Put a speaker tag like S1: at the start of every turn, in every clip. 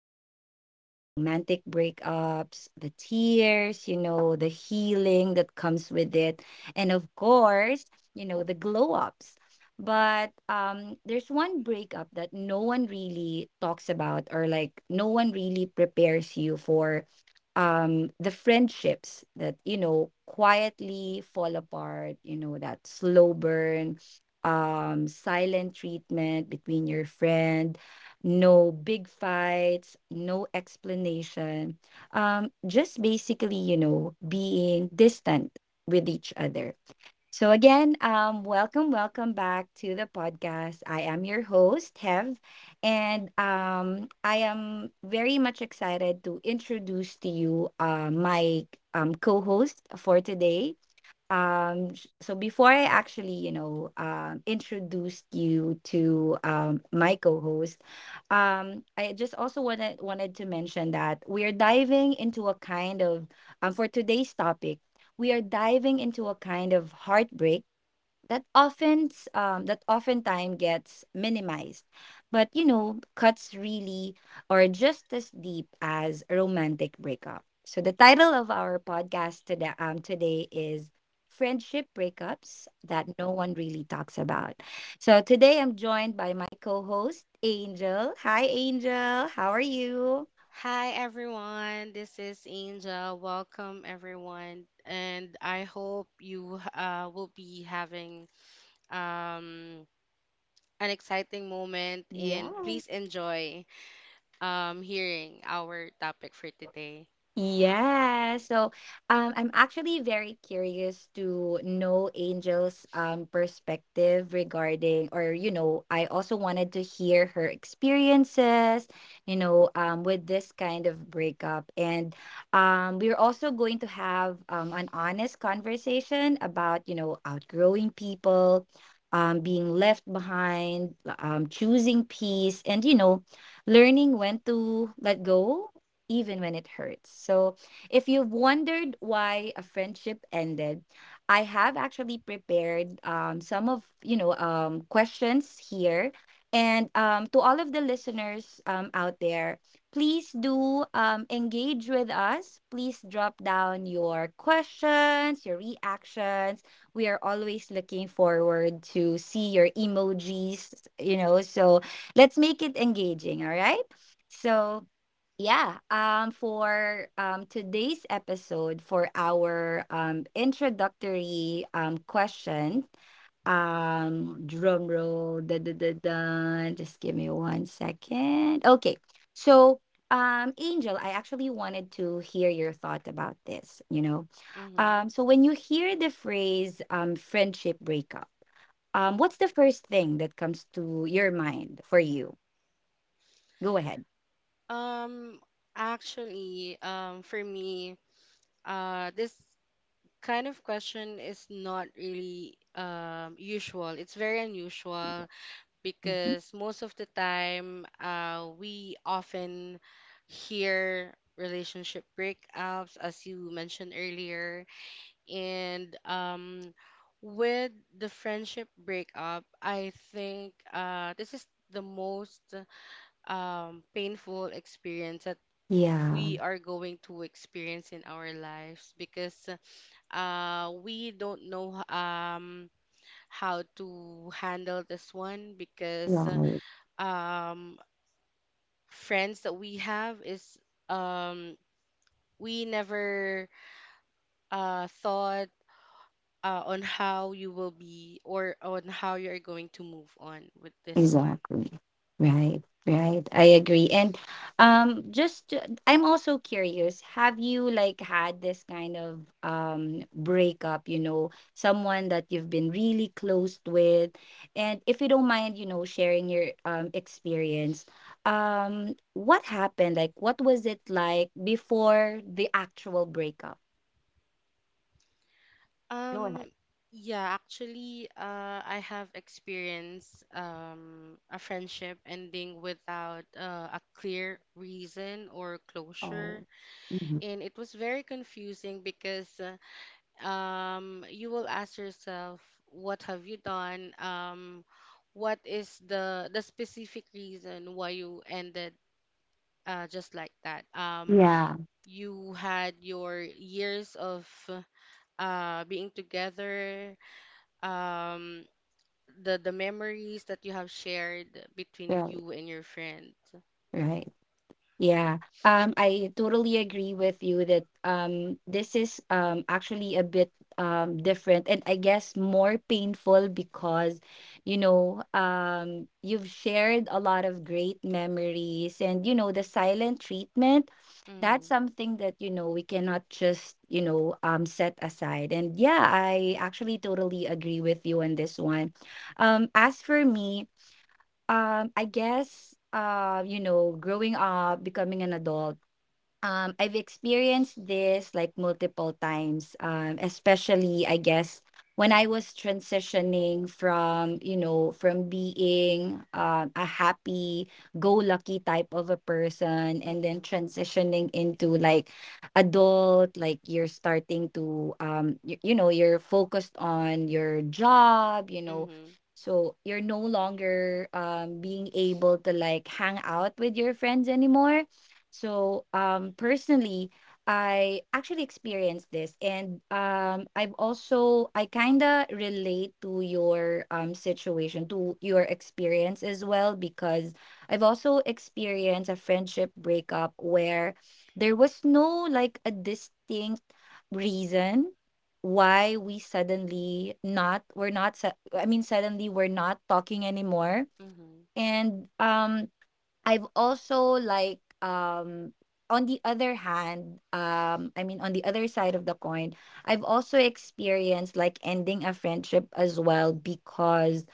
S1: a lot about romantic breakups, the tears, you know, the healing that comes with it, and of course, you know, the glow ups. But there's one breakup that no one really talks about, or like no one really prepares you for the friendships that, you know, quietly fall apart, you know, that slow burn silent treatment between your friend. No big fights, no explanation. Just basically, you know, being distant with each other. So again, welcome back to the podcast. I am your host, Hev, and I am very much excited to introduce to you my co-host for today. So before I actually, you know, introduced you to my co-host, I just also wanted to mention that we are diving into a kind of— for today's topic, we are diving into a kind of heartbreak that often that oftentimes gets minimized, but, you know, cuts really are just as deep as a romantic breakup. So the title of our podcast today is friendship breakups that no one really talks about. So today I'm joined by my co-host, Angel. Hi Angel, how are you?
S2: Hi everyone, this is Angel. Welcome everyone, and I hope you will be having um, an exciting moment
S1: Yeah.
S2: and please enjoy hearing our topic for today.
S1: Yeah, so I'm actually very curious to know Angel's perspective regarding, or, you know, I also wanted to hear her experiences, you know, with this kind of breakup. And we're also going to have an honest conversation about, you know, outgrowing people, being left behind, choosing peace, and, you know, learning when to let go, even when it hurts. So, if you've wondered why a friendship ended, I have actually prepared some of, you know, questions here, and to all of the listeners out there, please do engage with us. Please drop down your questions, your reactions. We are always looking forward to see your emojis. You know, so let's make it engaging. All right. So yeah, for today's episode, for our introductory question, drum roll, da, da, da, da, just give me one second. Okay, so Angel, I actually wanted to hear your thought about this, you know.
S2: hmm
S1: So when you hear the phrase friendship breakup, what's the first thing that comes to your mind for you? Go ahead.
S2: Um, actually, for me, this kind of question is not really usual. It's very unusual
S1: Mhm.
S2: because most of the time we often hear relationship breakups as you mentioned earlier and with the friendship breakup I think this is the most painful experience that
S1: Yeah,
S2: we are going to experience in our lives because we don't know how to handle this one
S1: yeah.
S2: because um, friends that we have is um we never thought on how you will be or on how you're going to move on with this one.
S1: Exactly. Right. Right. I agree. And just to— I'm also curious, have you like had this kind of breakup, you know, someone that you've been really close with? And if you don't mind, you know, sharing your experience, what happened? Like, what was it like before the actual breakup? Go ahead.
S2: Um yeah, actually I have experienced a friendship ending without a clear reason or closure,
S1: Oh. Mhm.
S2: and it was very confusing because you will ask yourself, what have you done? What is the specific reason why you ended just like that?
S1: Yeah.
S2: You had your years of being together, um, the memories that you have shared between
S1: Right.
S2: you and your friend.
S1: Right. Yeah, I totally agree with you that this is actually a bit different, and I guess more painful because, you know, you've shared a lot of great memories, and, you know, the silent treatment, that's
S2: Mm-hmm,
S1: something that, you know, we cannot just, you know, set aside. And yeah, I actually totally agree with you on this one. As for me, I guess, you know, growing up, becoming an adult, I've experienced this like multiple times, especially I guess when I was transitioning from, you know, from being a happy, go lucky type of a person, and then
S2: mm-hmm,
S1: transitioning into like adult, like you're starting to, you know, you're focused on your job, you know, so you're no longer being able to like hang out with your friends anymore. So, personally, I actually experienced this, and I've also— I kind of relate to your situation, to your experience as well, because I've also experienced a friendship breakup where there was no like a distinct reason why we suddenly not we're not su- I mean suddenly we're not talking anymore,
S2: mm-hmm,
S1: and I've also like on the other hand, on the other side of the coin, I've also experienced like ending a friendship as well, because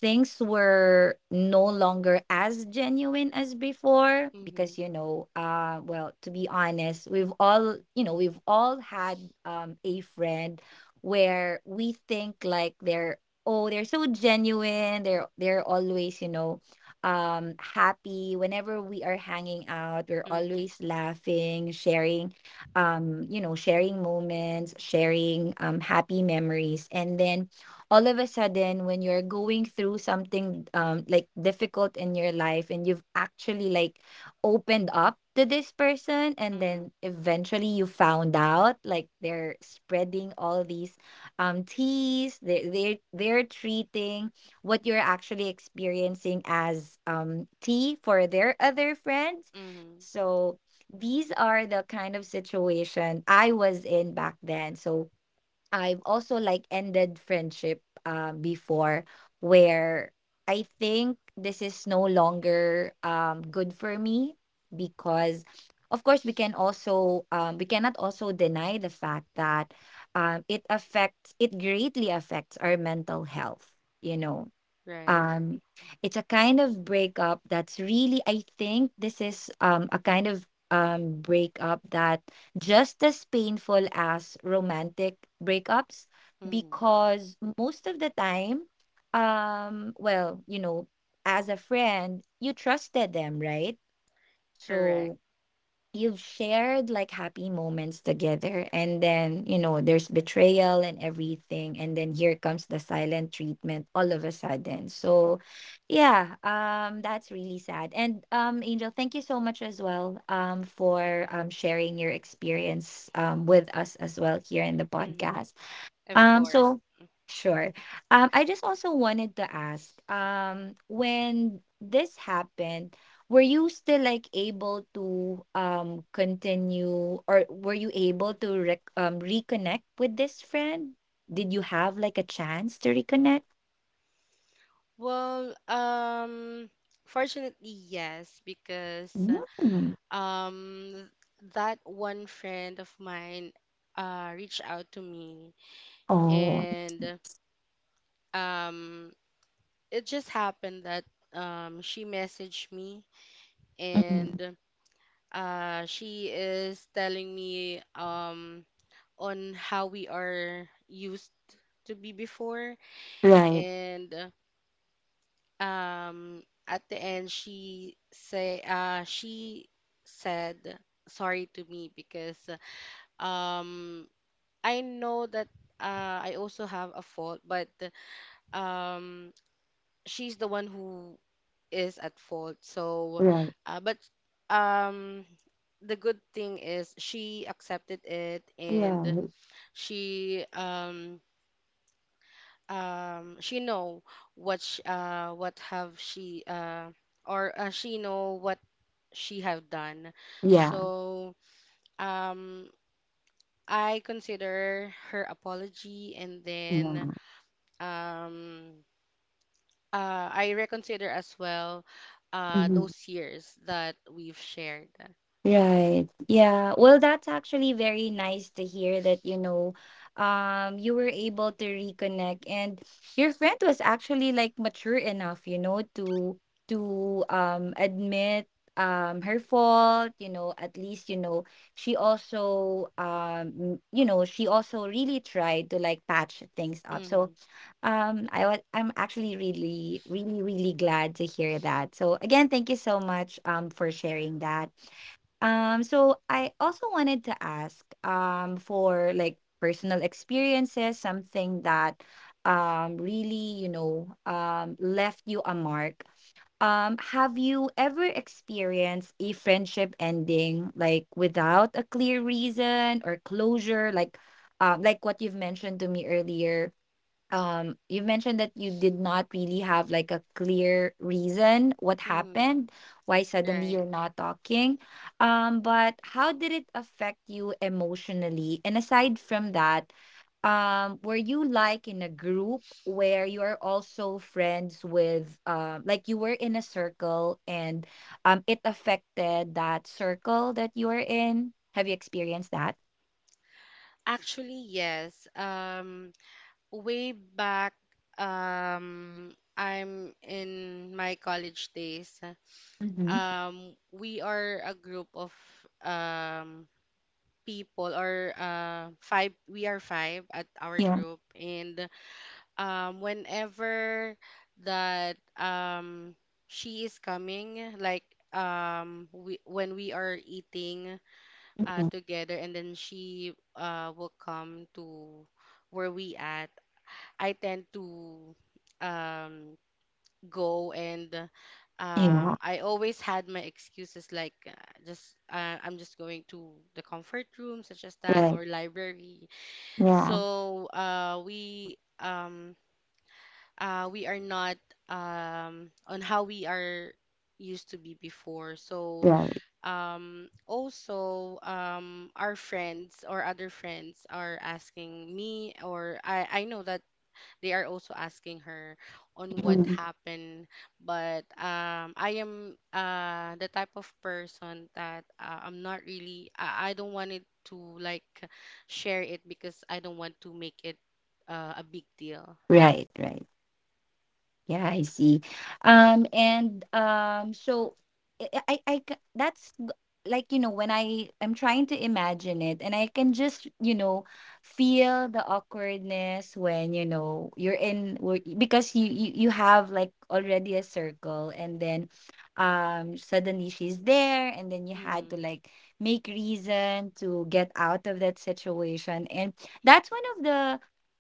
S1: things were no longer as genuine as before.
S2: mm-hmm,
S1: Because, you know, well, to be honest, we've all, you know, we've all had a friend where we think like they're, oh, they're so genuine, they're always, you know, happy whenever we are hanging out, we're
S2: mm-hmm, mm-hmm,
S1: always laughing, sharing, you know, sharing moments, sharing happy memories, and then all of a sudden when you're going through something like difficult in your life, and you've actually like opened up to this person, and
S2: mm-hmm,
S1: then eventually you found out like they're spreading all these teas, they're treating what you're actually experiencing as tea for their other friends.
S2: mm-hmm.
S1: So these are the kind of situation I was in back then. So I've also like ended friendship before, where I think this is no longer good for me, because of course we can also we cannot also deny the fact that it affects— it greatly affects our mental health, you know.
S2: Right.
S1: um it's a kind of breakup that's really, I think this is a kind of breakup that just as painful as romantic breakups.
S2: Mm-hmm.
S1: Because most of the time, well, you know, as a friend, you trusted them, right?
S2: Correct.
S1: So you've shared like happy moments together, and then, you know, there's betrayal and everything, and then here comes the silent treatment all of a sudden. So yeah, that's really sad. And Angel, thank you so much as well for sharing your experience with us as well here in the
S2: Mm-hmm.
S1: podcast.
S2: Of course.
S1: So sure. I just also wanted to ask, when this happened, were you still like able to continue, or were you able to reconnect with this friend? Did you have like a chance to reconnect?
S2: Well, fortunately, yes, because
S1: Mm.
S2: um, that one friend of mine reached out to me,
S1: Oh,
S2: and um, it just happened that she messaged me, and
S1: mm.
S2: she is telling me on how we are used to be before,
S1: Right,
S2: and um at the end she say she said sorry to me because um I know that I also have a fault but um she's the one who is at fault. So
S1: right,
S2: but um the good thing is she accepted it, and
S1: right.
S2: she um she know what sh what have she or she know what she have done.
S1: Yeah,
S2: So um, I consider her apology, and then
S1: yeah.
S2: um, I reconsider as well those years that we've shared.
S1: Right. Yeah. Well, that's actually very nice to hear that, you know, you were able to reconnect, and your friend was actually like mature enough, you know, to— to admit her fault, you know, at least, you know, she also, you know, she also really tried to like patch things up. So
S2: Mm-hmm.
S1: I was— I'm actually really, really, really glad to hear that. So again, thank you so much for sharing that. So I also wanted to ask for like personal experiences, something that really, you know, left you a mark. Have you ever experienced a friendship ending like without a clear reason or closure, like what you've mentioned to me earlier, you mentioned that you did not really have like a clear reason what
S2: Mm-hmm.
S1: happened, why suddenly
S2: Right.
S1: you're not talking, but how did it affect you emotionally, and aside from that, were you like in a group where you're also friends with, like, you were in a circle, and it affected that circle that you were in? Have you experienced that?
S2: Actually, yes. Way back, I'm in my college days.
S1: Mm-hmm.
S2: We are a group of um people, or five, we are five at our
S1: Yeah.
S2: group, and whenever that she is coming, like we when we are eating
S1: Hmm.
S2: together, and then she will come to where we at, I tend to um go and
S1: Yeah.
S2: I always had my excuses, like just I'm just going to the comfort room, such as that,
S1: Right.
S2: or library.
S1: Yeah.
S2: So we are not on how we are used to be before. So
S1: Right.
S2: also our friends or other friends are asking me, or I know that they are also asking her on what
S1: Mm.
S2: happened, but I am the type of person that I'm not really. I don't want it to like share it because I don't want to make it a big deal.
S1: Right, right. Yeah, I see. And so I c- that's g- Like, you know, when I am trying to imagine it, and I can just, you know, feel the awkwardness when, you know, because you have like already a circle, and then suddenly she's there, and then you had
S2: Mm-hmm.
S1: to like make reason to get out of that situation, and that's one of the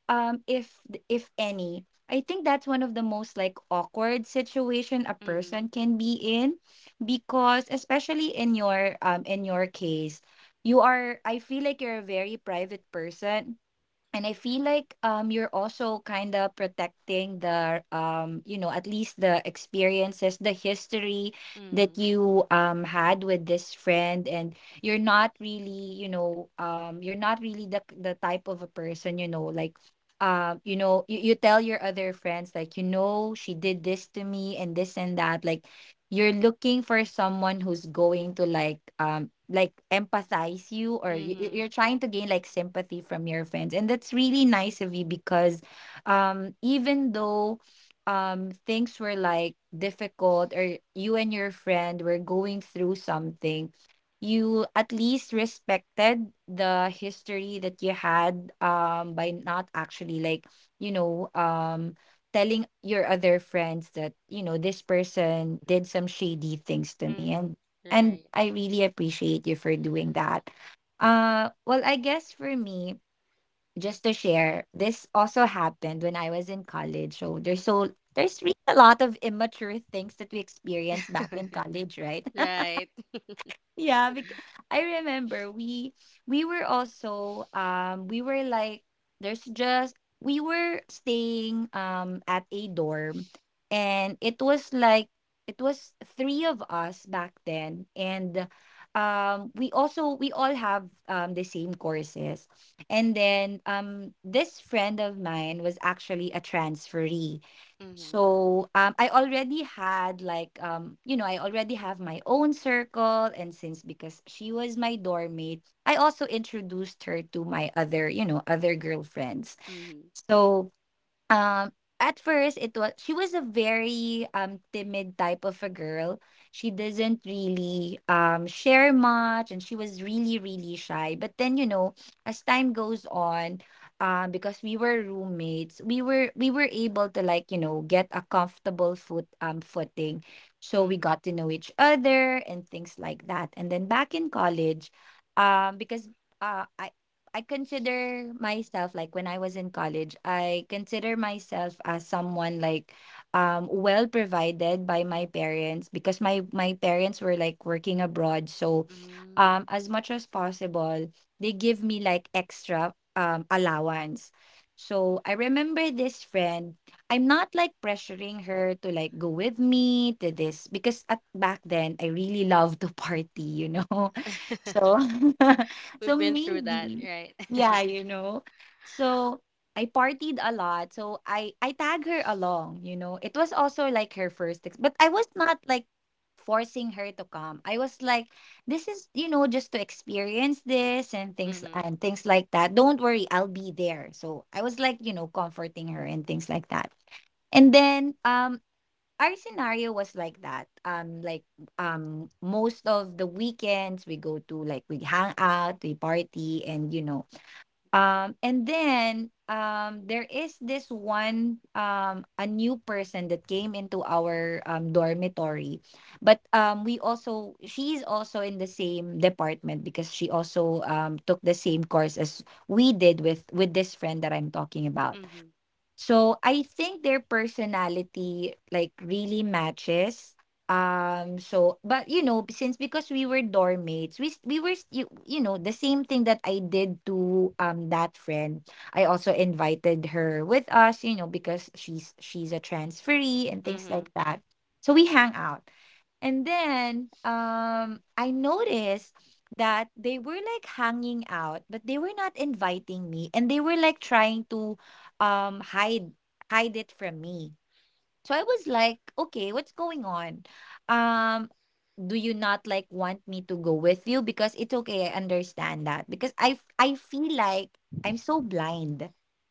S1: um if if any I think that's one of the most like awkward situation a
S2: Mm-hmm.
S1: person can be in, because especially in your case, you are— I feel like you're a very private person, and I feel like you're also kind of protecting the you know, at least the experiences, the history that
S2: Mm-hmm.
S1: you had with this friend, and you're not really, you know, you're not really the type of a person, you know, like you know, you tell your other friends like, you know, she did this to me and this and that, like you're looking for someone who's going to like empathize you, or
S2: Mm-hmm.
S1: you're trying to gain like sympathy from your friends. And that's really nice of you, because even though things were like difficult, or you and your friend were going through something, you at least respected the history that you had by not actually like, you know, telling your other friends that, you know, this person did some shady things to me. and
S2: Mm-hmm.
S1: and
S2: Right.
S1: I really appreciate you for doing that well, I guess for me, just to share, this also happened when I was in college, so there's really a lot of immature things that we experienced back in college, right?
S2: Right.
S1: Yeah, I remember we were also we were like there's just we were staying at a dorm, and it was like it was three of us back then. And we also, we all have the same courses. And then this friend of mine was actually a transferee.
S2: Mm-hmm.
S1: So I already had like I already have my own circle, and since because she was my dorm mate, I also introduced her to my other, you know, other girlfriends.
S2: Mm-hmm.
S1: So um, at first it was, she was a very timid type of a girl. She doesn't really share much, and she was really, really shy. But then, you know, as time goes on, because we were roommates, we were able to, like, you know, get a comfortable footing. So we
S2: Mm-hmm.
S1: got to know each other and things like that. And then back in college, because uh, I I consider myself like, when I was in college, I consider myself as someone like well provided by my parents, because my parents were like working abroad. So
S2: Mm-hmm.
S1: as much as possible, they give me like extra allowance. So I remember this friend, I'm not like pressuring her to like go with me to this, because at back then I really loved to party, you know. So, so
S2: We've been through that,
S1: maybe,
S2: right?
S1: yeah, you know. So I partied a lot. So I tag her along. You know, it was also like her first, but I was not like forcing her to come. I was like, this is, you know, just to experience this, and
S2: Mm-hmm.
S1: things like that. Don't worry, I'll be there. So I was like, you know, comforting her and things like that. And then our scenario was like that. Like most of the weekends we go to like, we hang out, we party, and you know, and then there is this one a new person that came into our dormitory, but we also she's also in the same department, because she also took the same course as we did, with this friend that I'm talking about.
S2: Mm-hmm.
S1: So I think their personality like really matches. So, but you know, since because we were dorm mates, we s- we were s- you know, the same thing that I did to that friend, I also invited her with us, you know, because she's a transferee and things
S2: Mm-hmm.
S1: like that. So we hang out, and then I noticed that they were like hanging out, but they were not inviting me, and they were like trying to um hide hide it from me. So I was like, okay, what's going on? Um, do you not like want me to go with you? Because it's okay, I understand that. Because I feel like I'm so blind.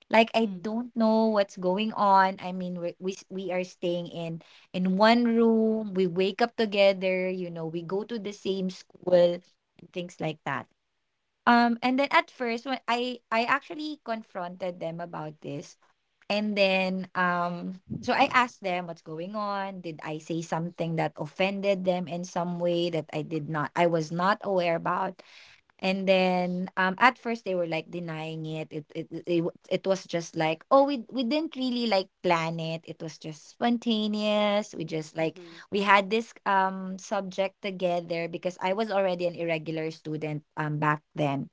S1: Like I don't know what's going on. I mean, we are staying in one room. We wake up together. You know, we go to the same school and things like that. And then at first, when I actually confronted them about this, and then, so I asked them what's going on. Did I say something that offended them in some way that I did not, I was not aware about? And then, at first they were like denying it. It was just like, oh, we didn't really like plan it. It was just spontaneous. We just like
S2: Mm-hmm.
S1: we had this subject together, because I was already an irregular student back then.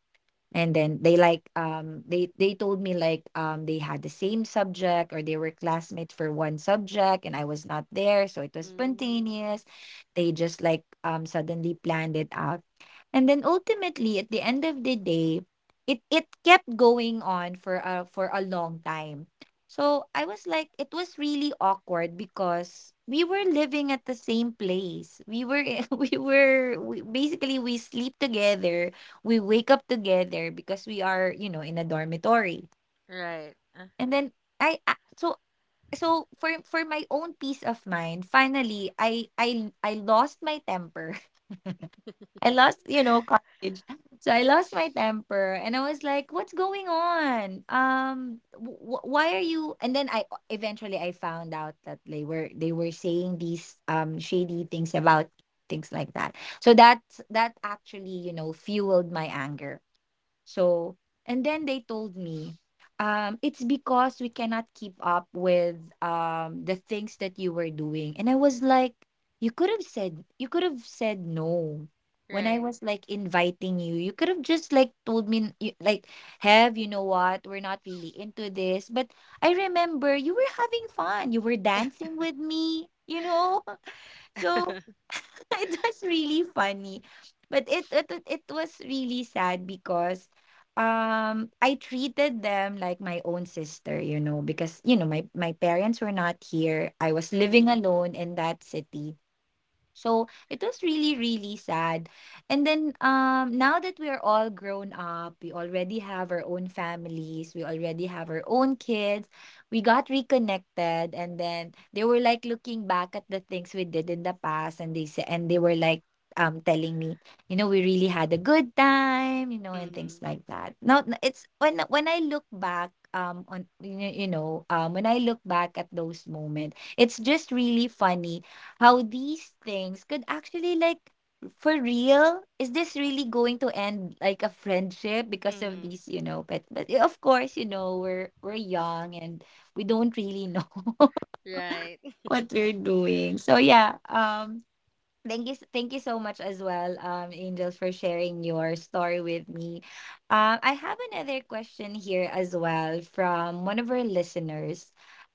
S1: And then they told me like, they had the same subject, or they were classmates for one subject, and I was not there, so it was
S2: Mm,
S1: spontaneous. They just like suddenly planned it out. And then ultimately, at the end of the day, it kept going on for a long time. So I was like, it was really awkward because we were living at the same place. We were basically we sleep together, we wake up together, because we are, you know, in a dormitory.
S2: right.
S1: And then i I- so so for my own peace of mind, finally I lost my temper. I lost, you know, college. So I lost my temper, and I was like, what's going on? Why are you? And then I eventually I found out that they were saying these shady things about things like that. So that that actually, you know, fueled my anger. So, and then they told me, it's because we cannot keep up with the things that you were doing. And I was like, you could have said, you could have said no. When I
S2: Right.
S1: was like inviting you, you could have just like told me, you, like, have, you know what? We're not really into this. But I remember you were having fun. You were dancing with me, you know? So it was really funny. But it was really sad because I treated them like my own sister, you know, because you know, my parents were not here. I was living
S2: Mm-hmm.
S1: alone in that city. So it was really, really sad. And then now that we're all grown up, we already have our own families, we already have our own kids, we got reconnected, and then they were like looking back at the things we did in the past, and they said and they were like telling me, you know, we really had a good time, you know, and
S2: Mm-hmm.
S1: things like that. Now, it's when I look back on you know, when I look back at those moments, it's just really funny how these things could actually like, for real, is this really going to end like a friendship because of
S2: Mm-hmm.
S1: these, you know? But of course, you know, we're young, and we don't really know
S2: Right.
S1: what we're doing. So yeah, thank you, thank you so much as well, Angel, for sharing your story with me. I have another question here as well from one of our listeners.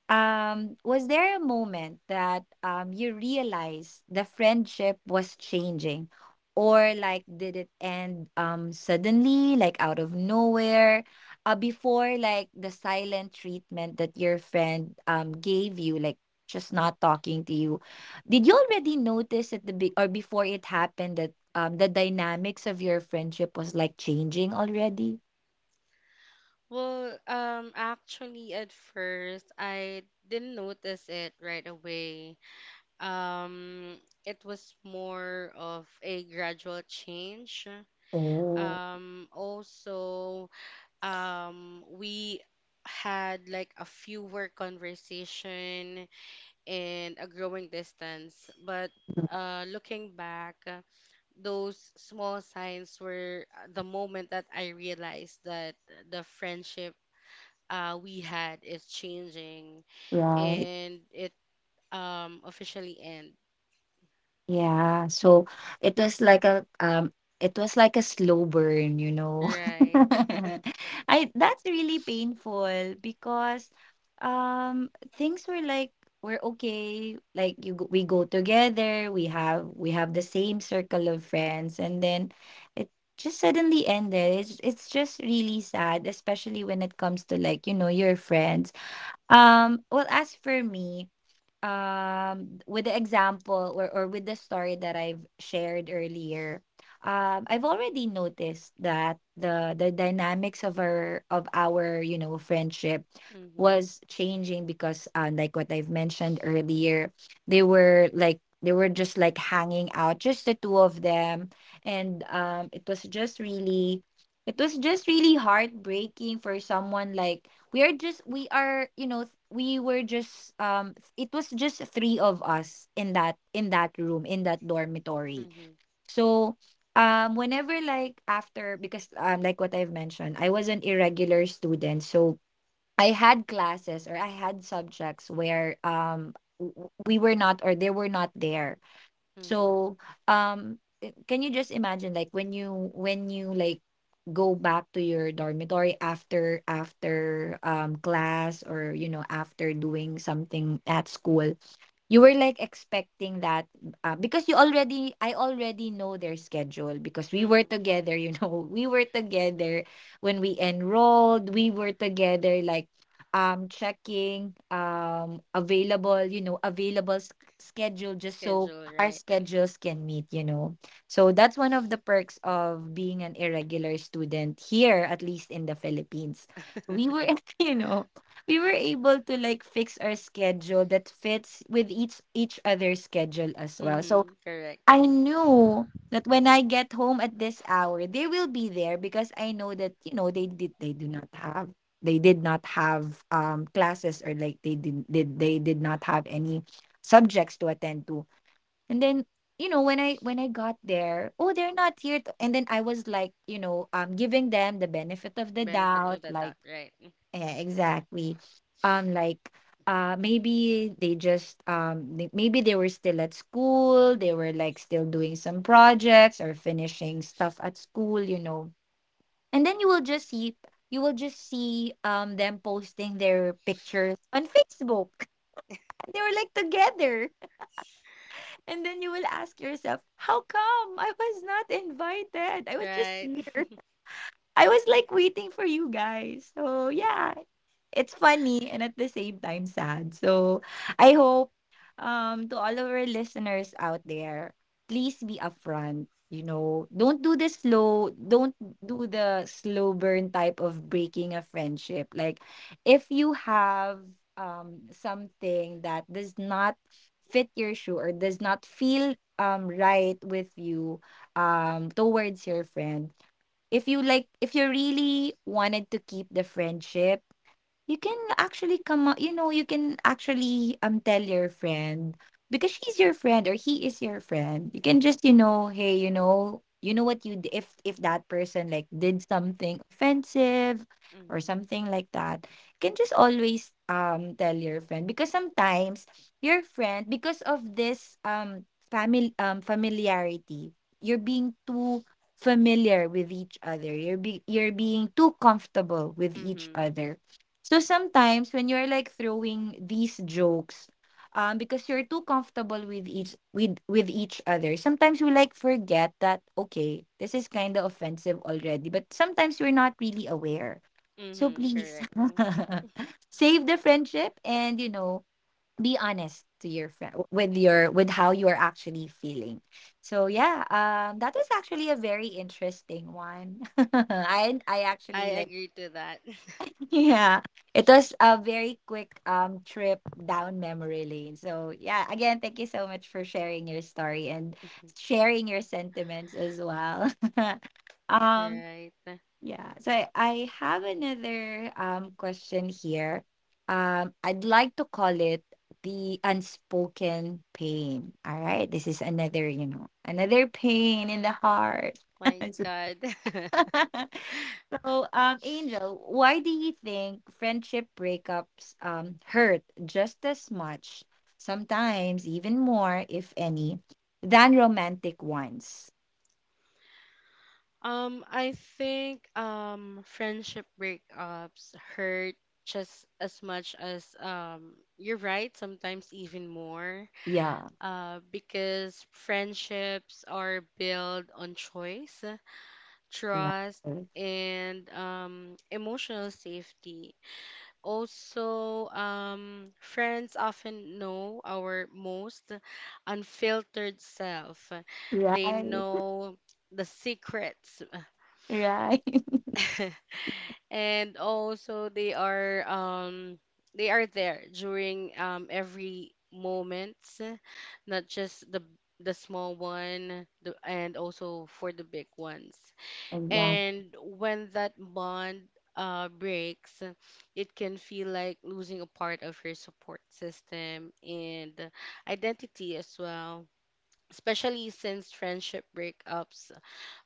S1: Was there a moment that you realized the friendship was changing, or like did it end suddenly, like out of nowhere, before like the silent treatment that your friend gave you, like just not talking to you? Did you already notice at the be- or before it happened that the dynamics of your friendship was like changing already?
S2: Well, actually, at first, I didn't notice it right away. Um, it was more of a gradual change.
S1: Oh,
S2: Um, also, we had like a fewer conversation and a growing distance. But looking back, those small signs were the moment that I realized that the friendship we had is changing,
S1: right.
S2: and it officially end,
S1: Yeah, so it was like a it was like a slow burn, you know.
S2: right?
S1: I, that's really painful, because um things were like, we're okay, like we go together, we have the same circle of friends, and then it just suddenly ended. It's just really sad, especially when it comes to like, you know, your friends. Well, as for me, with the example, or with the story that I've shared earlier, I've already noticed that the dynamics of our, you know, friendship
S2: Mm-hmm.
S1: was changing. Because like what I've mentioned earlier, they were just like hanging out, just the two of them. And it was just really heartbreaking. For someone like, we are, you know, th- we were just it was just three of us in that room in that dormitory.
S2: Mm-hmm.
S1: So whenever, like, after, because like what I've mentioned, I was an irregular student, so I had classes, or I had subjects where we were not, or they were not there.
S2: Mm-hmm.
S1: So, can you just imagine, like when you, go back to your dormitory after class, or you know, after doing something at school, you were like expecting that, I already know their schedule, because we were
S2: Mm-hmm.
S1: together, you know, we were together when we enrolled. We were together, like checking available, you know, available schedule just so
S2: Schedule,
S1: our
S2: right? Mm-hmm.
S1: schedules can meet, you know. So that's one of the perks of being an irregular student here, at least in the Philippines. We were, you know, we were able to like fix our schedule that fits with each other's schedule as well. So
S2: Mm-hmm. Correct.
S1: I knew that when I get home at this hour, they will be there because I know that they do not have classes, or like they did not have any subjects to attend to. And then when I got there, oh, they're not here to, and then I was like, giving them the benefit of the
S2: Benefit of
S1: doubt
S2: the
S1: like
S2: doubt, right?
S1: yeah, exactly. Um, like maybe maybe they were still at school, they were like still doing some projects or finishing stuff at school, you know. And then you will just see them posting their pictures on Facebook. They were like together. And then you will ask yourself, how come I was not invited? I was just
S2: Right.
S1: here. I was like waiting for you guys. So yeah, it's funny and at the same time sad. So I hope to all of our listeners out there, please be upfront. Don't do the slow, don't do the slow burn type of breaking a friendship. Like if you have something that does not fit your shoe or does not feel right with you towards your friend, if you really wanted to keep the friendship, you can actually come out, you know, you can actually tell your friend because she's your friend or he is your friend. You can just, you know, hey, what if that person like did something offensive or
S2: Mm-hmm.
S1: something like that, you can just always tell your friend. Because sometimes your friend, because of this family familiarity, you're being too familiar with each other. You're being too comfortable with each
S2: Mm-hmm.
S1: other. So sometimes when you're like throwing these jokes, because you're too comfortable with each other, sometimes we like forget that okay, this is kind of offensive already, but sometimes we're not really aware. So
S2: Mm-hmm.
S1: please
S2: Correct. Mm,
S1: save the friendship and you know be honest to your friend with your with how you are actually feeling. So yeah, that was actually a very interesting one. I
S2: I
S1: actually like.
S2: agree to that.
S1: Yeah, it was a very quick trip down memory lane. So yeah, again, thank you so much for sharing your story and sharing your sentiments as well. Um,
S2: Right.
S1: yeah. So I have another question here. I'd like to call it the unspoken pain. All right, this is another, you know, another pain in the heart.
S2: My God.
S1: So, Angel, why do you think friendship breakups hurt just as much, sometimes even more, if any, than romantic ones?
S2: I think friendship breakups hurt just as much as you're right, sometimes even more.
S1: Yeah,
S2: Because friendships are built on choice,
S1: right,
S2: trust,
S1: right,
S2: and emotional safety. Also, friends often know our most unfiltered self. They know the secrets.
S1: right,
S2: And also they are there during every moment, not just the small one the, and also for the big ones.
S1: exactly,
S2: And when that bond breaks, it can feel like losing a part of your support system and identity as well, especially since friendship breakups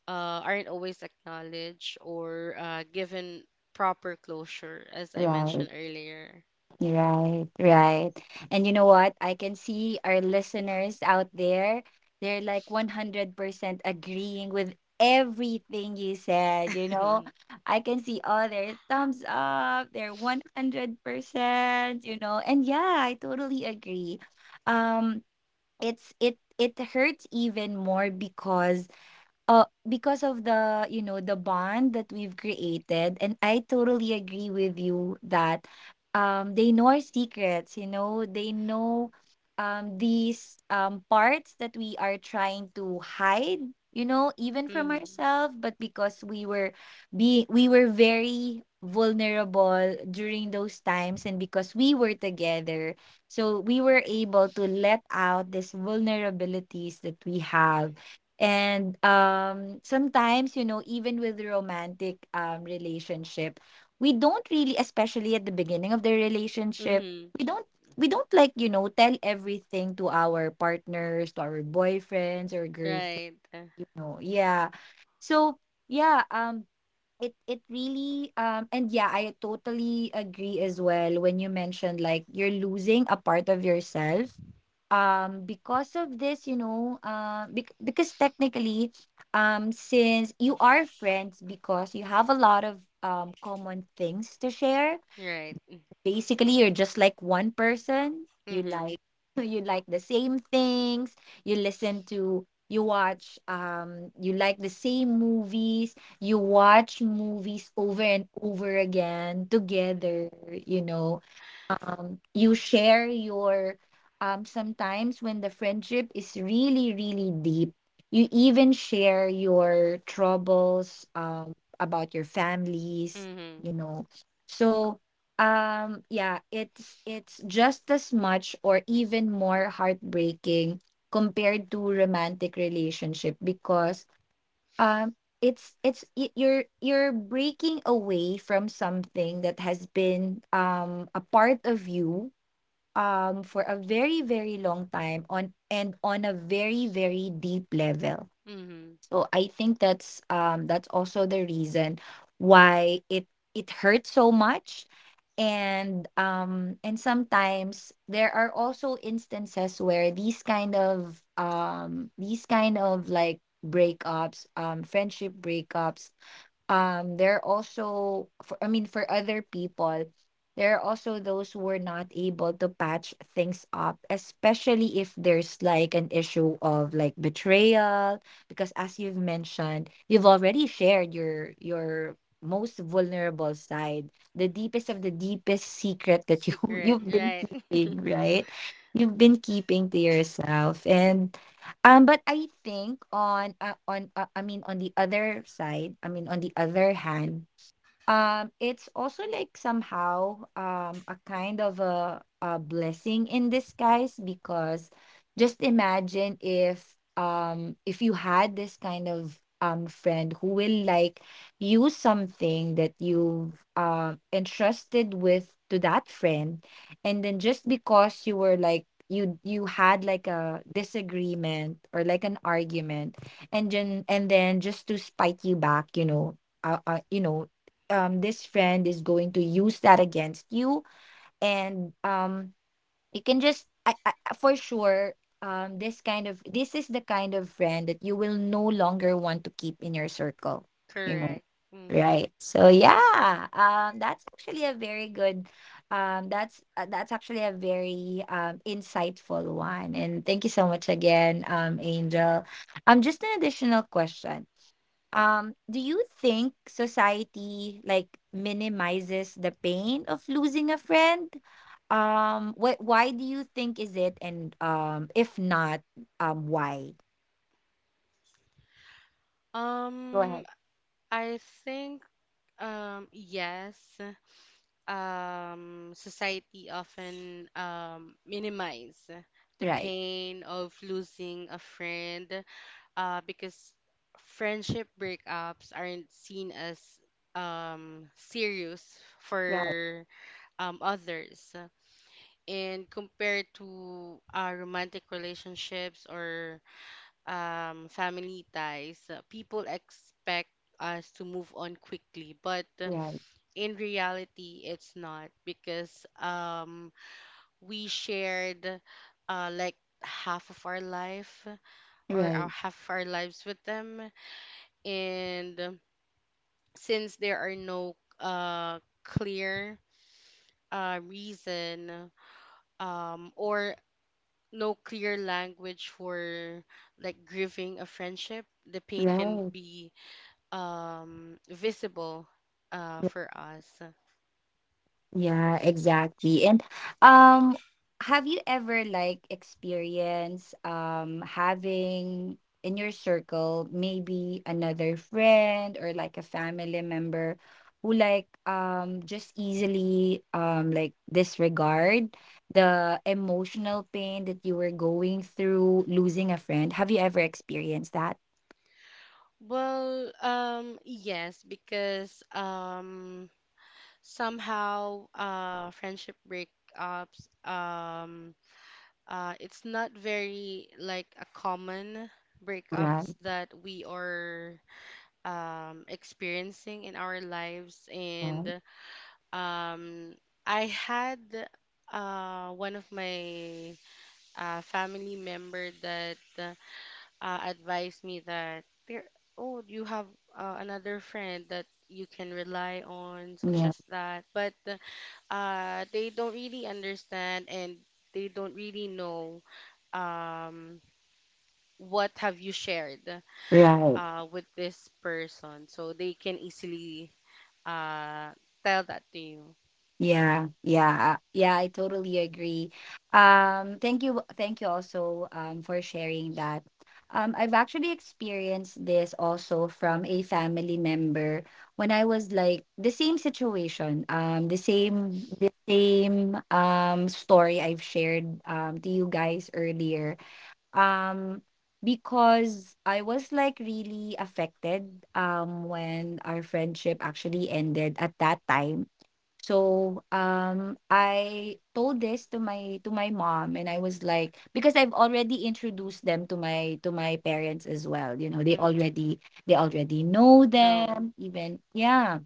S2: aren't always acknowledged or given proper closure, as I
S1: right.
S2: mentioned earlier.
S1: Right, right. And you know what? I can see our listeners out there, they're like 100% agreeing with everything you said, you know? I can see all their thumbs up, they're 100%, you know? And yeah, I totally agree. Um it it hurts even more because of the the bond that we've created. And I totally agree with you that they know our secrets, you know, they know these parts that we are trying to hide, you know, even from
S2: Mm-hmm.
S1: ourselves. But because we were be we were very vulnerable during those times, and because we were together, so we were able to let out these vulnerabilities that we have. And sometimes, you know, even with romantic relationship, we don't really, especially at the beginning of the relationship,
S2: Mm-hmm.
S1: we don't we don't like you know tell everything to our partners, to our boyfriends or girlfriends.
S2: Right.
S1: You know, yeah. So yeah, it really and yeah I totally agree as well when you mentioned like you're losing a part of yourself because of this you know because technically since you are friends, because you have a lot of common things to share,
S2: Right.
S1: basically you're just like one person. You
S2: Mm-hmm.
S1: like you like the same things, you listen to you watch you like the same movies, you watch movies over and over again together, you know. You share your sometimes when the friendship is really really deep, you even share your troubles about your families,
S2: Mm-hmm.
S1: you know. So yeah, it's just as much or even more heartbreaking compared to romantic relationship. Because it's you're breaking away from something that has been a part of you for a very very long time on a very very deep level.
S2: Mm-hmm.
S1: So I think that's also the reason why it hurts so much. And sometimes there are also instances where these kind of like breakups, friendship breakups, there are also for I mean for other people, there are also those who are not able to patch things up, especially if there's like an issue of like betrayal. Because as you've mentioned, you've already shared your most vulnerable side, the deepest of the deepest secret that you
S2: Secret.
S1: you've been
S2: Right.
S1: keeping, right, you've been keeping to yourself. And but I think on I mean on the other side, I mean on the other hand, it's also like somehow a kind of a blessing in disguise. Because just imagine if you had this kind of friend who will like use something that you've entrusted with to that friend, and then just because you were like you had like a disagreement or like an argument, and then just to spite you back, you know, this friend is going to use that against you. And you can just I for sure this is the kind of friend that you will no longer want to keep in your circle, you know,
S2: Correct. Mm-hmm.
S1: right. So yeah, that's actually a very good that's actually a very insightful one. And thank you so much again, Angel. Just an additional question. Do you think society like minimizes the pain of losing a friend? What why do you think is it? And if not, why? Go
S2: Um,
S1: ahead.
S2: I think yes. Society often minimize the
S1: Right.
S2: pain of losing a friend because friendship breakups aren't seen as serious
S1: Right.
S2: for others. And compared to romantic relationships or family ties, people expect us to move on quickly. But
S1: Right.
S2: in reality, it's not, because we shared like half of our life or our
S1: Right.
S2: half of our lives with them. And since there are no clear reason or no clear language for like grieving a friendship, the pain can
S1: Right.
S2: be visible for us.
S1: Yeah, exactly. And um have you ever like experienced having in your circle maybe another friend or like a family member who like just easily like disregard the emotional pain that you were going through losing a friend? Have you ever experienced that?
S2: Well, yes, because somehow friendship breakups it's not very like a common breakups
S1: Right.
S2: that we are experiencing in our lives. And
S1: Right.
S2: um, I had one of my family member that advised me that there, oh, you have another friend that you can rely on, such
S1: Yeah.
S2: as that. But they don't really understand, and they don't really know. Um, what have you shared
S1: Right.
S2: with this person, so they can easily uh, tell that to you.
S1: Yeah, yeah, yeah, I totally agree. Thank you also for sharing that. I've actually experienced this also from a family member when I was like the same situation, the same story I've shared to you guys earlier. Um, because I was like really affected when our friendship actually ended at that time. So, I told this to my mom, and I was like, because I've already introduced them to my parents as well. You know,
S2: Mm-hmm.
S1: they already know
S2: No.
S1: them. Even yeah,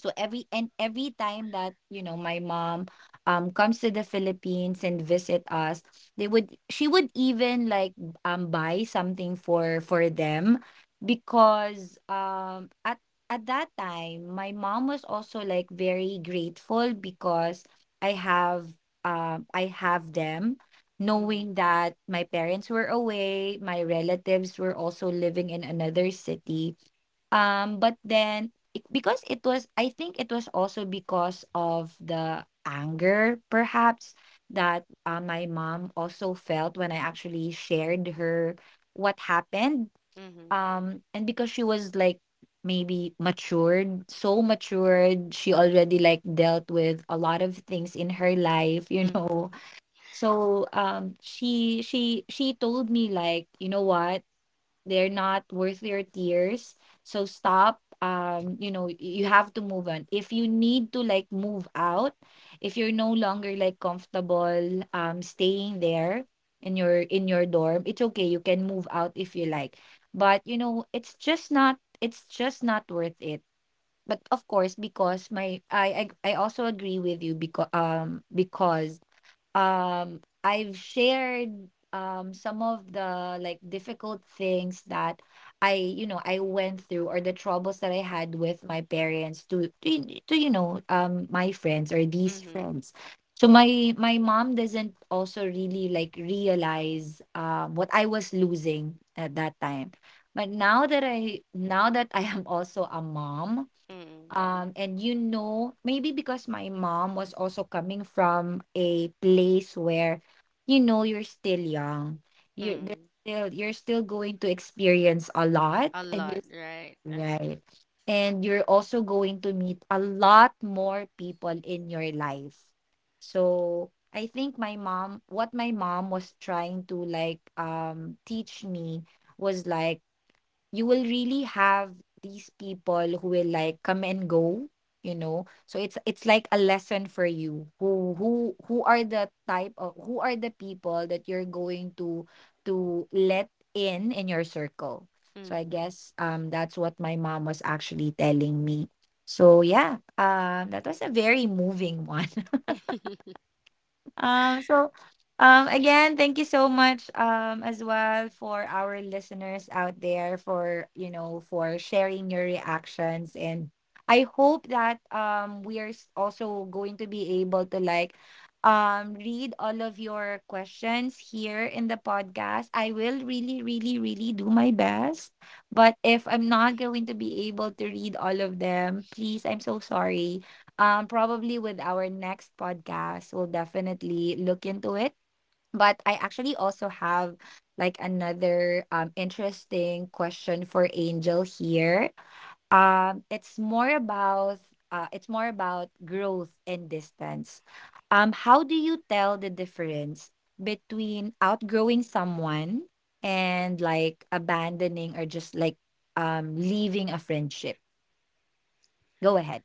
S1: so every time that you know my mom comes to the Philippines and visit us, they would she would even like buy something for them, because at that time my mom was also like very grateful because I have I have them,
S2: Mm-hmm.
S1: knowing that my parents were away, my relatives were also living in another city. But then, because it was, I think it was also because of the anger perhaps that my mom also felt when I actually shared her what happened.
S2: Mm-hmm.
S1: And because she was like maybe matured, so matured, she already like dealt with a lot of things in her life, you
S2: Mm-hmm.
S1: know. So she told me like, you know what, they're not worth your tears, so stop. You know, you have to move on. If you need to like move out, if you're no longer like comfortable staying there in your dorm, it's okay, you can move out if you like. But you know, it's just not worth it. But of course, because I also agree with you, because I've shared some of the like difficult things that I you know I went through, or the troubles that I had with my parents to you know my friends or these
S2: Mm-hmm.
S1: friends. So my mom doesn't also really like realize what I was losing at that time. But now that I am also a mom,
S2: Mm-hmm.
S1: and maybe because my mom was also coming from a place where you're still young,
S2: Mm-hmm.
S1: you're still going to experience a lot,
S2: A
S1: and
S2: lot,
S1: you're,
S2: right?
S1: right, and you're also going to meet a lot more people in your life. So I think my mom what my mom was trying to like teach me was like, you will really have these people who will like come and go, so it's like a lesson for you, who are the people that you're going to let in your circle. So I
S2: Mm-hmm.
S1: guess that's what my mom was actually telling me. So, yeah, that was a very moving one. Um, so thank you so much, as well, for our listeners out there, for for sharing your reactions. And I hope that we are also going to be able to like read all of your questions here in the podcast. I will really, really, really do my best. But if I'm not going to be able to read all of them, please, I'm so sorry, probably with our next podcast we'll definitely look into it. But I actually also have, like, another interesting question for Angel here. um it's more about it's more about growth and distance. How do you tell the difference between outgrowing someone and, like, abandoning or just like leaving a friendship? Go ahead.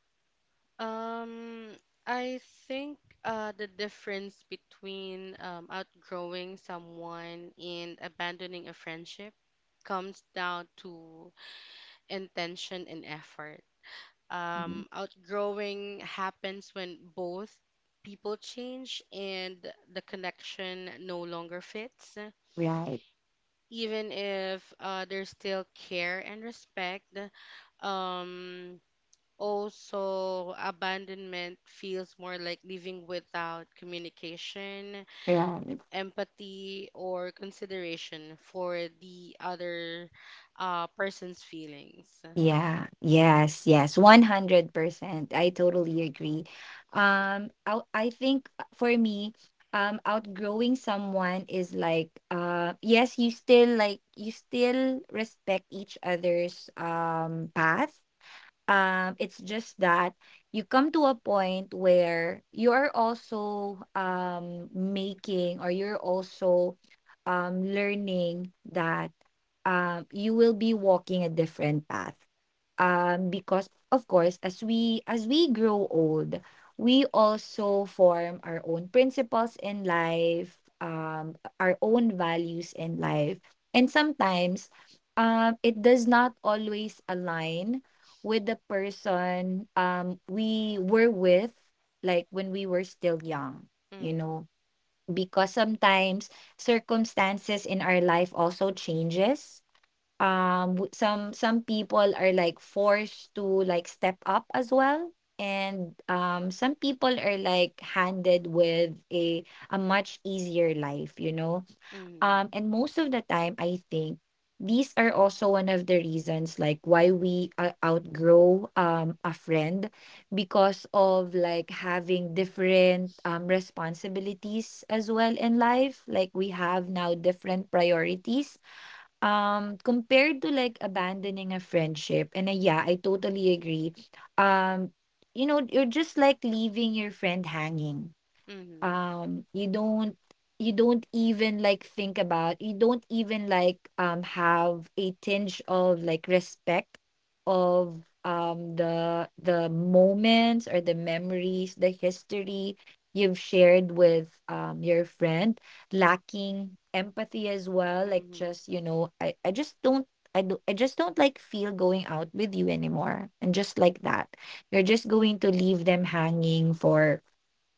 S2: Um, I think the difference between outgrowing someone and abandoning a friendship comes down to intention and effort.
S1: Mhm.
S2: Outgrowing happens when both people change and the connection no longer fits.
S1: Right,
S2: Even if there's still care and respect, um, also abandonment feels more like living without communication,
S1: right.
S2: empathy, or consideration for the other person's feelings.
S1: Yeah, yes, yes, 100%. I totally
S2: Mm-hmm.
S1: agree. I think, for me, outgrowing someone is like, yes, you still respect each other's path. It's just that you come to a point where you're also making, or you're also learning that you will be walking a different path, because of course, as we grow old, we also form our own principles in life, our own values in life, and sometimes it does not always align with the person we were with, like when we were still young you
S2: Mm-hmm.
S1: know because sometimes circumstances in our life also changes. Some people are like forced to like step up as well, and some people are like handed with a much easier life.
S2: Mm-hmm.
S1: And most of the time I think these are also one of the reasons, like, why we outgrow a friend, because of like having different responsibilities as well in life, like we have now different priorities. Compared to like abandoning a friendship, and, yeah, I totally agree. Um, you're just like leaving your friend hanging.
S2: Mm-hmm.
S1: You don't, you don't even like think about you don't even like have a tinge of like respect of the moments, or the memories, the history you've shared with your friend. Lacking empathy as well, like,
S2: Mm-hmm.
S1: just I just don't like feel going out with you anymore, and just like that you're just going to leave them hanging for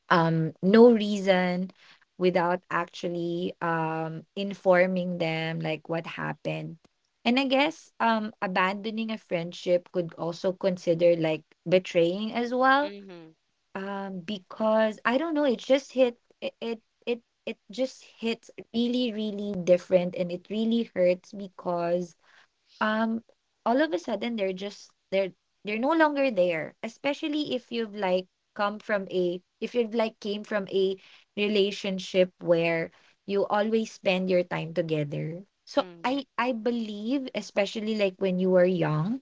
S1: no reason, without actually informing them like what happened. And I guess abandoning a friendship could also consider like betraying as well.
S2: Mm-hmm.
S1: Because I don't know, it just hits really, really different, and it really hurts because um all of a sudden they're just they're no longer there, especially if you've like come from a if you've like came from a relationship where you always spend your time together. So
S2: Mm-hmm.
S1: I believe, especially like when you were young,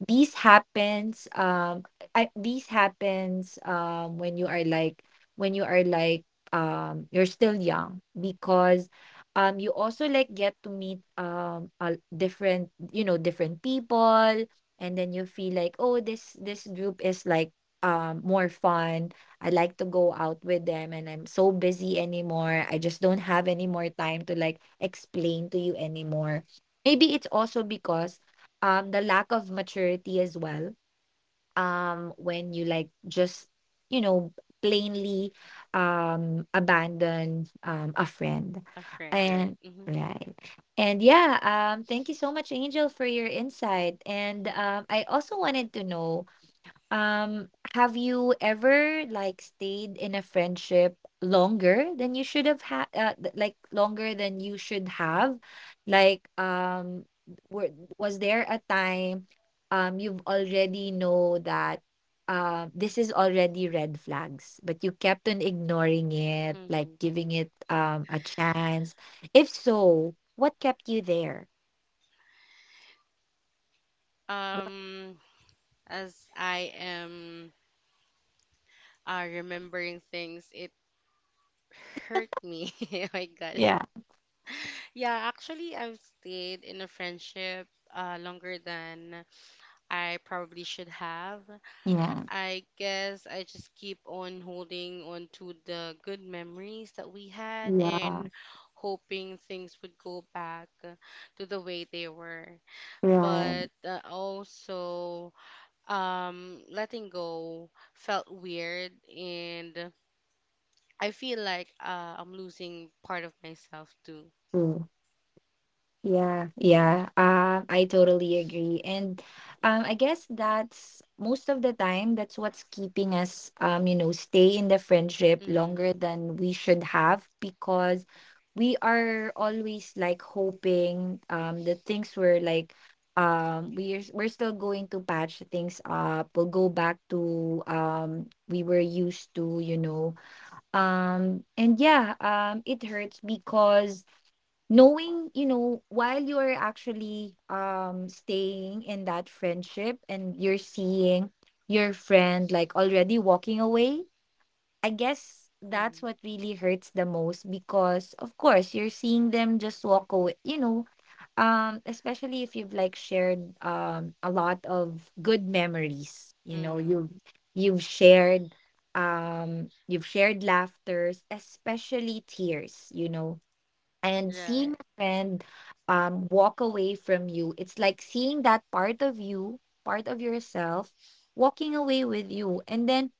S1: these happens. These happens when you are like when you are like you're still young, because you also like get to meet a different you know different people. And then you feel like, oh, this group is like more fun, I like to go out with them, and I'm so busy anymore, I just don't have any more time to like explain to you anymore. Maybe it's also because the lack of maturity as well, when you like just you know plainly abandon a friend.
S2: A friend, right?
S1: And,
S2: Mm-hmm.
S1: right, and yeah, thank you so much, Angel, for your insight. And I also wanted to know, have you ever like stayed in a friendship longer than you should have like longer than you should have? Like, were, was there a time you've already know that this is already red flags, but you kept on ignoring it, like
S2: Mm-hmm.
S1: giving it a chance? If so, what kept you there? Go-
S2: Um, as I am remembering things, it hurt me. Oh my God.
S1: Yeah.
S2: Yeah, actually, I've stayed in a friendship longer than I probably should have.
S1: Yeah.
S2: I guess I just keep on holding on to the good memories that we had
S1: Yeah.
S2: and hoping things would go back to the way they were,
S1: Right.
S2: but also letting go felt weird, and I feel like I'm losing part of myself too.
S1: Yeah, yeah. I totally agree. And I guess that's most of the time that's what's keeping us stay in the friendship
S2: Mhm.
S1: longer than we should have, because we are always like hoping the things were like we're still going to patch things up. We'll go back to we were used to. And, yeah, it hurts because, knowing while you're actually staying in that friendship, and you're seeing your friend like already walking away, I guess that's
S2: Mhm.
S1: what really hurts the most, because of course you're seeing them just walk away. Especially if you've like shared a lot of good memories,
S2: Mhm.
S1: you've shared you've shared laughters, especially tears. And seeing
S2: Right.
S1: a friend walk away from you, it's like seeing that part of yourself walking away with you, and then,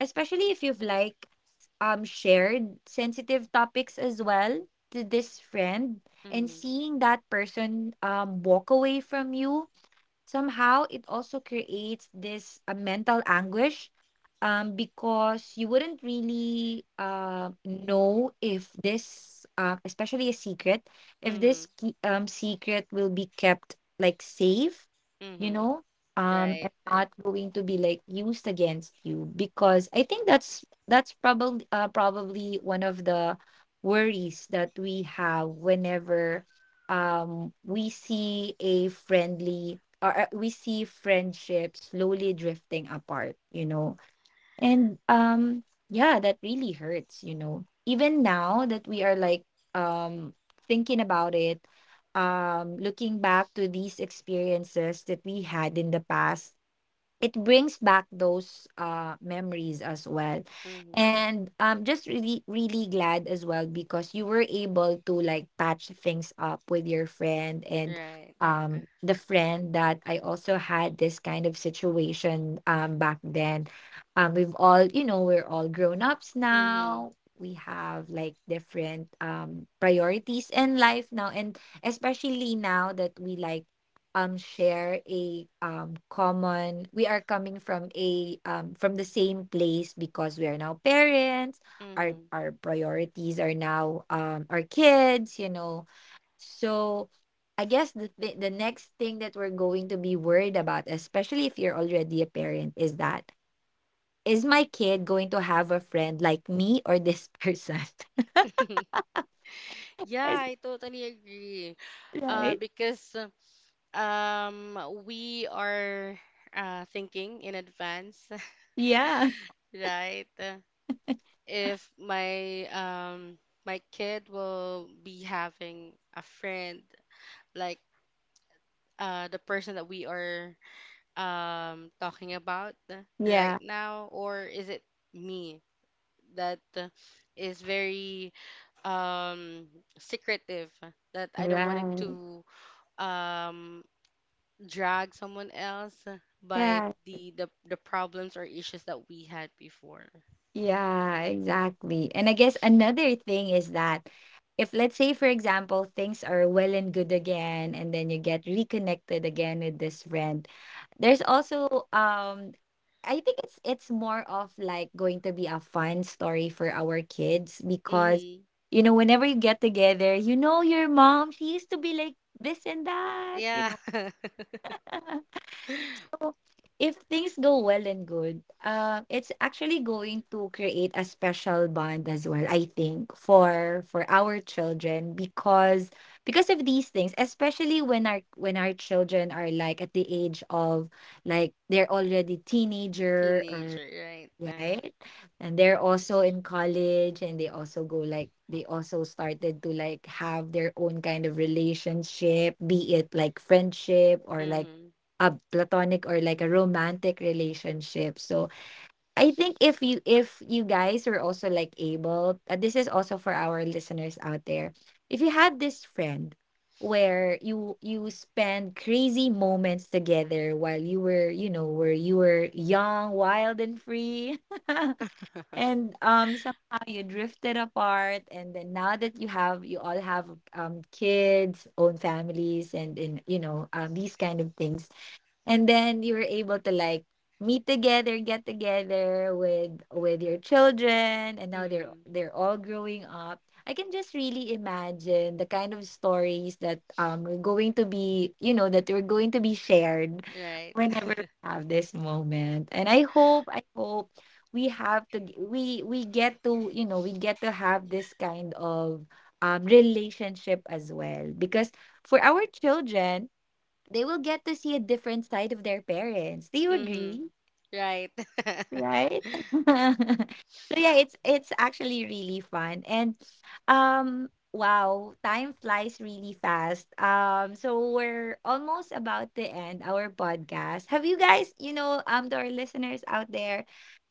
S1: especially if you've like shared sensitive topics as well to this friend, and
S2: Mhm.
S1: seeing that person walk away from you, somehow it also creates this mental anguish, because you wouldn't really know if this, especially a secret, if this
S2: Mhm.
S1: secret will be kept like safe, you
S2: Mhm.
S1: know, and
S2: Right.
S1: not going to be like used against you. Because I think that's probably, probably one of the worries that we have whenever we see a friendly or we see friendships slowly drifting apart. And yeah, that really hurts. Even now that we are like um thinking about it, looking back to these experiences that we had in the past, it brings back those memories as well.
S2: Mhm.
S1: And I'm just really, really glad as well, because you were able to like patch things up with your friend. And
S2: Right. Uh,
S1: the friend that I also had this kind of situation back then, we're all grown ups
S2: mhm.
S1: now, we have like different priorities in life now. And especially now that we like share a common we are coming from the same place, because we are now parents, our
S2: Mhm.
S1: our priorities are now our kids. So I guess the next thing that we're going to be worried about, especially if you're already a parent, is that, is my kid going to have a friend like me or this person?
S2: Yeah,
S1: Is
S2: I totally agree.
S1: that right?
S2: Because we are thinking in advance,
S1: Yeah.
S2: right? If my my kid will be having a friend like the person that we are talking about right
S1: Yeah,
S2: now, or is it me that is very um secretive, that I don't want it
S1: right.
S2: to um drag someone else by
S1: Yeah.
S2: the problems or issues that we had before.
S1: Yeah, exactly. And I guess another thing is that, if let's say for example things are well and good again and then you get reconnected again with this friend, there's also, I think it's more of like going to be a fun story for our kids. Because
S2: Mhm.
S1: whenever you get together, your mom, she used to be like this and that, you
S2: Yeah.
S1: know. So, if things go well and good, it's actually going to create a special bond as well, I think, for our children. Because of these things, especially when our children are like at the age of, like they're already teenager, or.
S2: Teenager, right?
S1: Right? And they're also in college, and they also started to like have their own kind of relationship, be it like friendship, or like
S2: Hmm.
S1: a platonic, or like a romantic relationship. So I think if you guys are also like able, this is also for our listeners out there. If you have this friend where you spend crazy moments together while you were, you know, where you were young, wild and free and somehow you drifted apart and then now that you all have kids, own families and in you know, these kind of things and then you were able to like meet together, get together with your children and now they're
S2: Hmm.
S1: they're all growing up. I can just really imagine the kind of stories that we're going to be, you know, that we're going to be shared
S2: Right.
S1: whenever we have this moment. And I hope we we get to, you know, we get to have this kind of relationship as well because for our children they will get to see a different side of their parents. Do you
S2: Hmm.
S1: agree?
S2: Right.
S1: Right? So yeah, it's actually really fun. And um wow, time flies really fast. So we're almost about to end our podcast. Have you guys, you know, to our listeners out there,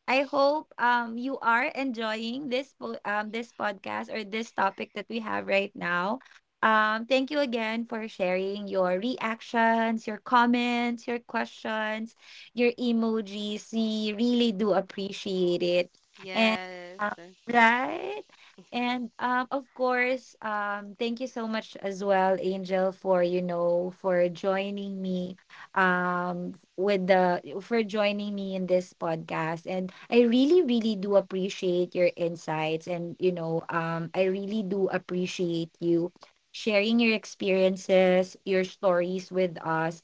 S1: I hope you are enjoying this this podcast or this topic that we have right now. Thank you again for sharing your reactions, your comments, your questions, your emojis. We really do appreciate it. And
S2: Yes.
S1: uh, right? And of course, thank you so much as well, Angel, for you know, for joining me f- with the for joining me in this podcast, and I really do appreciate your insights and you know, I really do appreciate you sharing your experiences, your stories with us.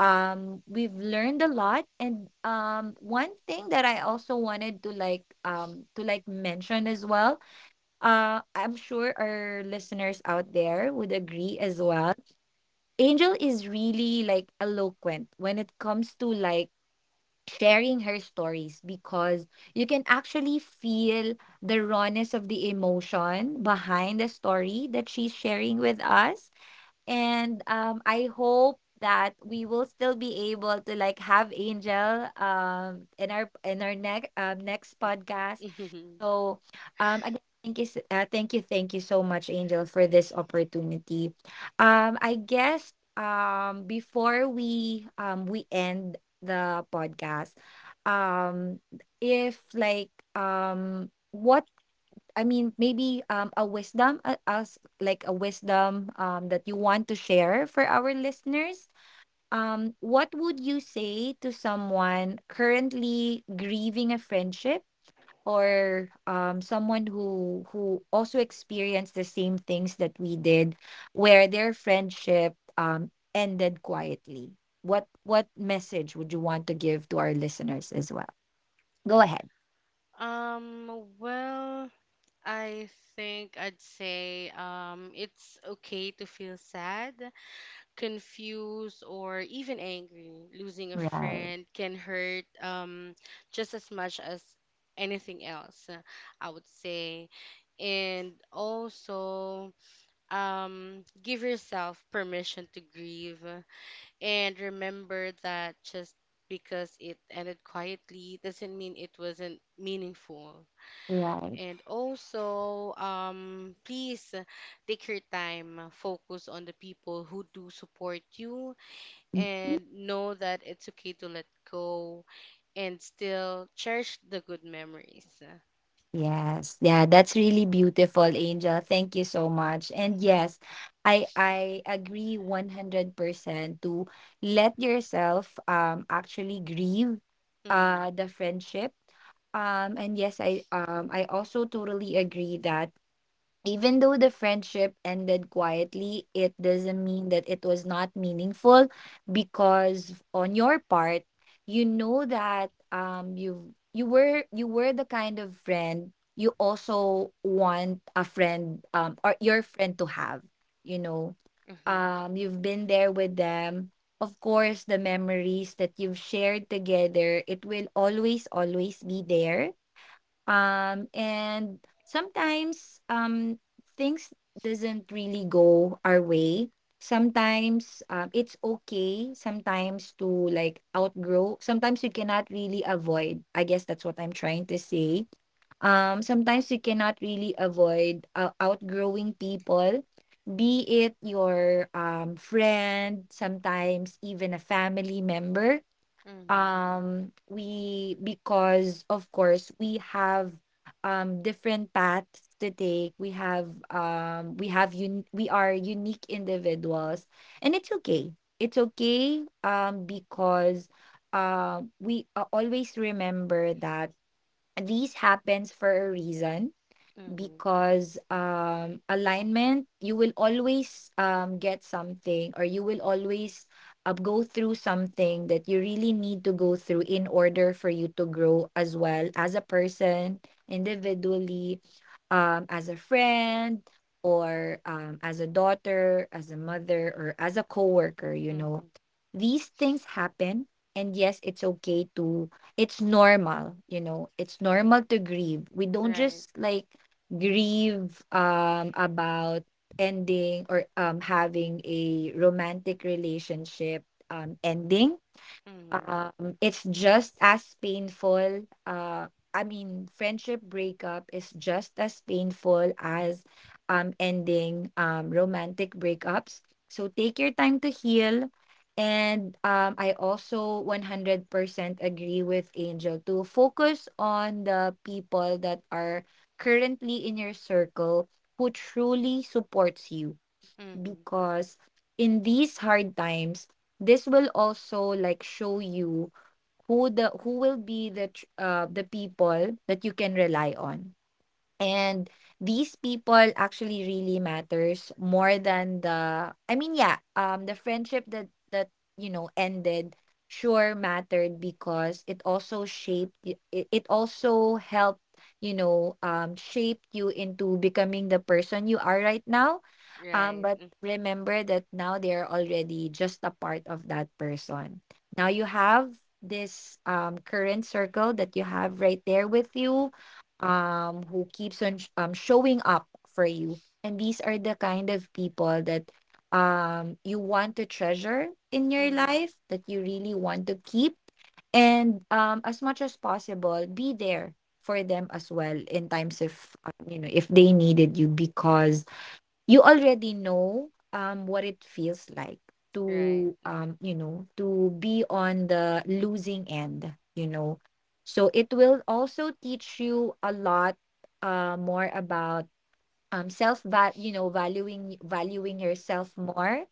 S1: We've learned a lot, and one thing that I also wanted to like mention as well, I'm sure our listeners out there would agree as well, Angel is really like eloquent when it comes to like sharing her stories because you can actually feel the rawness of the emotion behind the story that she's sharing with us. And I hope that we will still be able to like have Angel in our next next podcast.
S2: Mhm.
S1: So, again, thank you, s- thank you so much, Angel, for this opportunity. I guess before we end the podcast, um, if like what I mean, maybe a wisdom, us like a wisdom that you want to share for our listeners. What would you say to someone currently grieving a friendship, or someone who also experienced the same things that we did, where their friendship ended quietly? What message would you want to give to our listeners as well? Go ahead.
S2: Um, well, I think I'd say it's okay to feel sad, confused, or even angry. Losing a
S1: Right.
S2: friend can hurt just as much as anything else, I would say. And also, give yourself permission to grieve, and remember that just because it ended quietly doesn't mean it wasn't meaningful.
S1: Right.
S2: And also, please take your time, focus on the people who do support you, and know that it's okay to let go and still cherish the good memories.
S1: Yes. Yeah, that's really beautiful, Angel. Thank you so much. And yes, I agree 100% to let yourself actually grieve
S2: Mm-hmm,
S1: the friendship. And yes, I also totally agree that even though the friendship ended quietly, it doesn't mean that it was not meaningful because on your part, you know that you were, you were the kind of friend you also want a friend or your friend to have, you know.
S2: mm-hmm,
S1: You've been there with them. Of course, the memories that you've shared together, it will always be there. And sometimes, things doesn't really go our way. Sometimes, it's okay. Sometimes to like outgrow. Sometimes you cannot really avoid. I guess that's what I'm trying to say. Sometimes you cannot really avoid outgrowing people, be it your friend, sometimes even a family member.
S2: mm-hmm,
S1: We, because of course we have different paths to take. We have we are unique individuals, and it's okay. Because we, always remember that these happens for a reason,
S2: mm-hmm,
S1: because alignment, you will always get something, or you will always go through something that you really need to go through in order for you to grow as well as a person individually, as a friend, or as a daughter, as a mother, or as a coworker, you know.
S2: mm-hmm.
S1: These things happen, and yes, it's okay to, it's normal, you know, it's normal to grieve. We don't
S2: Right.
S1: just like grieve, about ending, or having a romantic relationship ending.
S2: Mm-hmm,
S1: It's just as painful. I mean, friendship breakup is just as painful as ending romantic breakups. So take your time to heal. And I also 100% agree with Angel to focus on the people that are currently in your circle who truly supports you,
S2: mm-hmm.
S1: because in these hard times, this will also like show you who the who will be the people that you can rely on. And these people actually really matters more than the I mean yeah the friendship that you know ended, sure, mattered, because it also it, it also helped, you know, shaped you into becoming the person you are right now.
S2: Right.
S1: But
S2: Mm,
S1: remember that now they are already just a part of that person. Now you have this current circle that you have right there with you, who keeps on showing up for you, and these are the kind of people that you want to treasure in your
S2: mm-hmm.
S1: life, that you really want to keep. And as much as possible, be there for them as well in times if, you know, if they needed you, because you already know what it feels like
S2: Right.
S1: to, you know, to be on the losing end, you know. So it will also teach you a lot, more about, self val you know, valuing yourself more.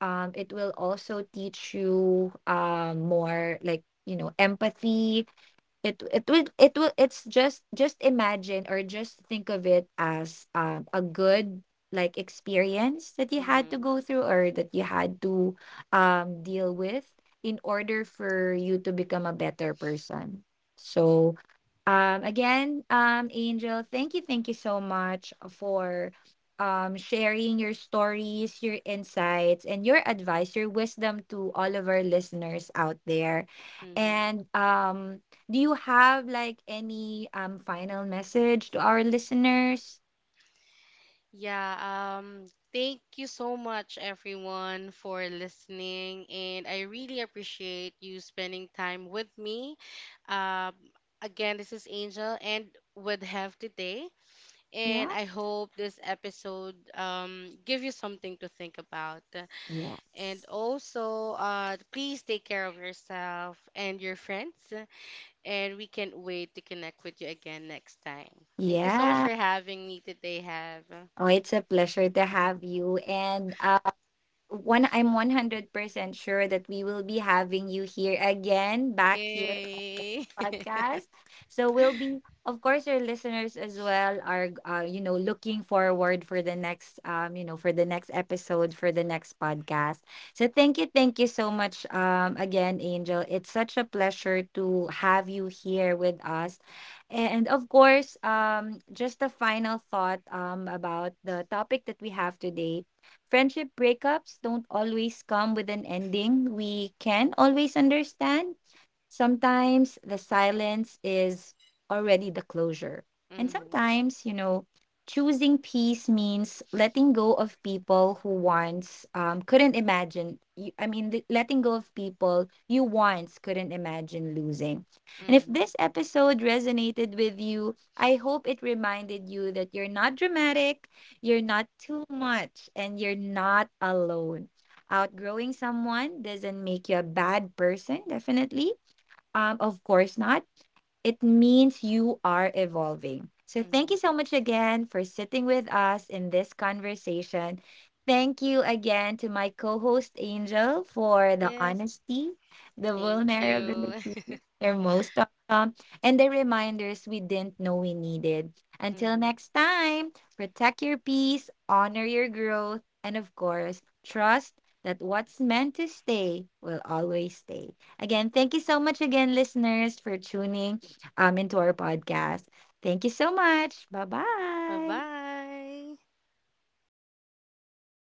S1: It will also teach you more like, you know, empathy. It's just imagine or just think of it as a good like experience that you had to
S2: Mm-hmm.
S1: go through, or that you had to deal with in order for you to become a better person. So, again, Angel, thank you so much for sharing your stories, your insights, and your advice, your wisdom, to all of our listeners out there.
S2: Mm-hmm.
S1: And do you have like any final message to our listeners?
S2: Yeah, um, thank you so much everyone for listening, and I really appreciate you spending time with me. Um, again, this is Angel and with Have today, and
S1: Yeah.
S2: I hope this episode give you something to think about. And
S1: Yes.
S2: also, please take care of yourself and your friends, and we can't wait to connect with you again next time. Thank you so much
S1: Yeah.
S2: for having me today, Have.
S1: Oh, it's a pleasure to have you. And one, I'm 100% sure that we will be having you here again, back here
S2: Yay.
S1: podcast. So we'll be, of course, your listeners as well are, you know, looking forward for the next, you know, for the next episode, for the next podcast. So thank you so much, again, Angel. It's such a pleasure to have you here with us, and of course, just a final thought, about the topic that we have today. Friendship breakups don't always come with an ending we can always understand. Sometimes the silence is already the closure. And
S2: Mm-hmm,
S1: sometimes, you know, choosing peace means letting go of people who once, couldn't imagine. I mean, letting go of people you once couldn't imagine losing. And if
S2: mm-hmm,
S1: this episode resonated with you, I hope it reminded you that you're not dramatic, you're not too much, and you're not alone. Outgrowing someone doesn't make you a bad person, definitely, of course not, it means you are evolving. So, thank you
S2: mm-hmm.
S1: so much again for sitting with us in this conversation. Thank you again to my co host Angel for the
S2: Yes,
S1: honesty, the
S2: thank you.
S1: vulnerability, you're most welcome, and the reminders we didn't know we needed. Until
S2: Mm-hmm.
S1: next time, protect your peace, honor your growth, and of course, trust that what's meant to stay will always stay. Again, thank you so much again, listeners, for tuning, into our podcast. Thank you so much. Bye bye.
S2: Bye-bye.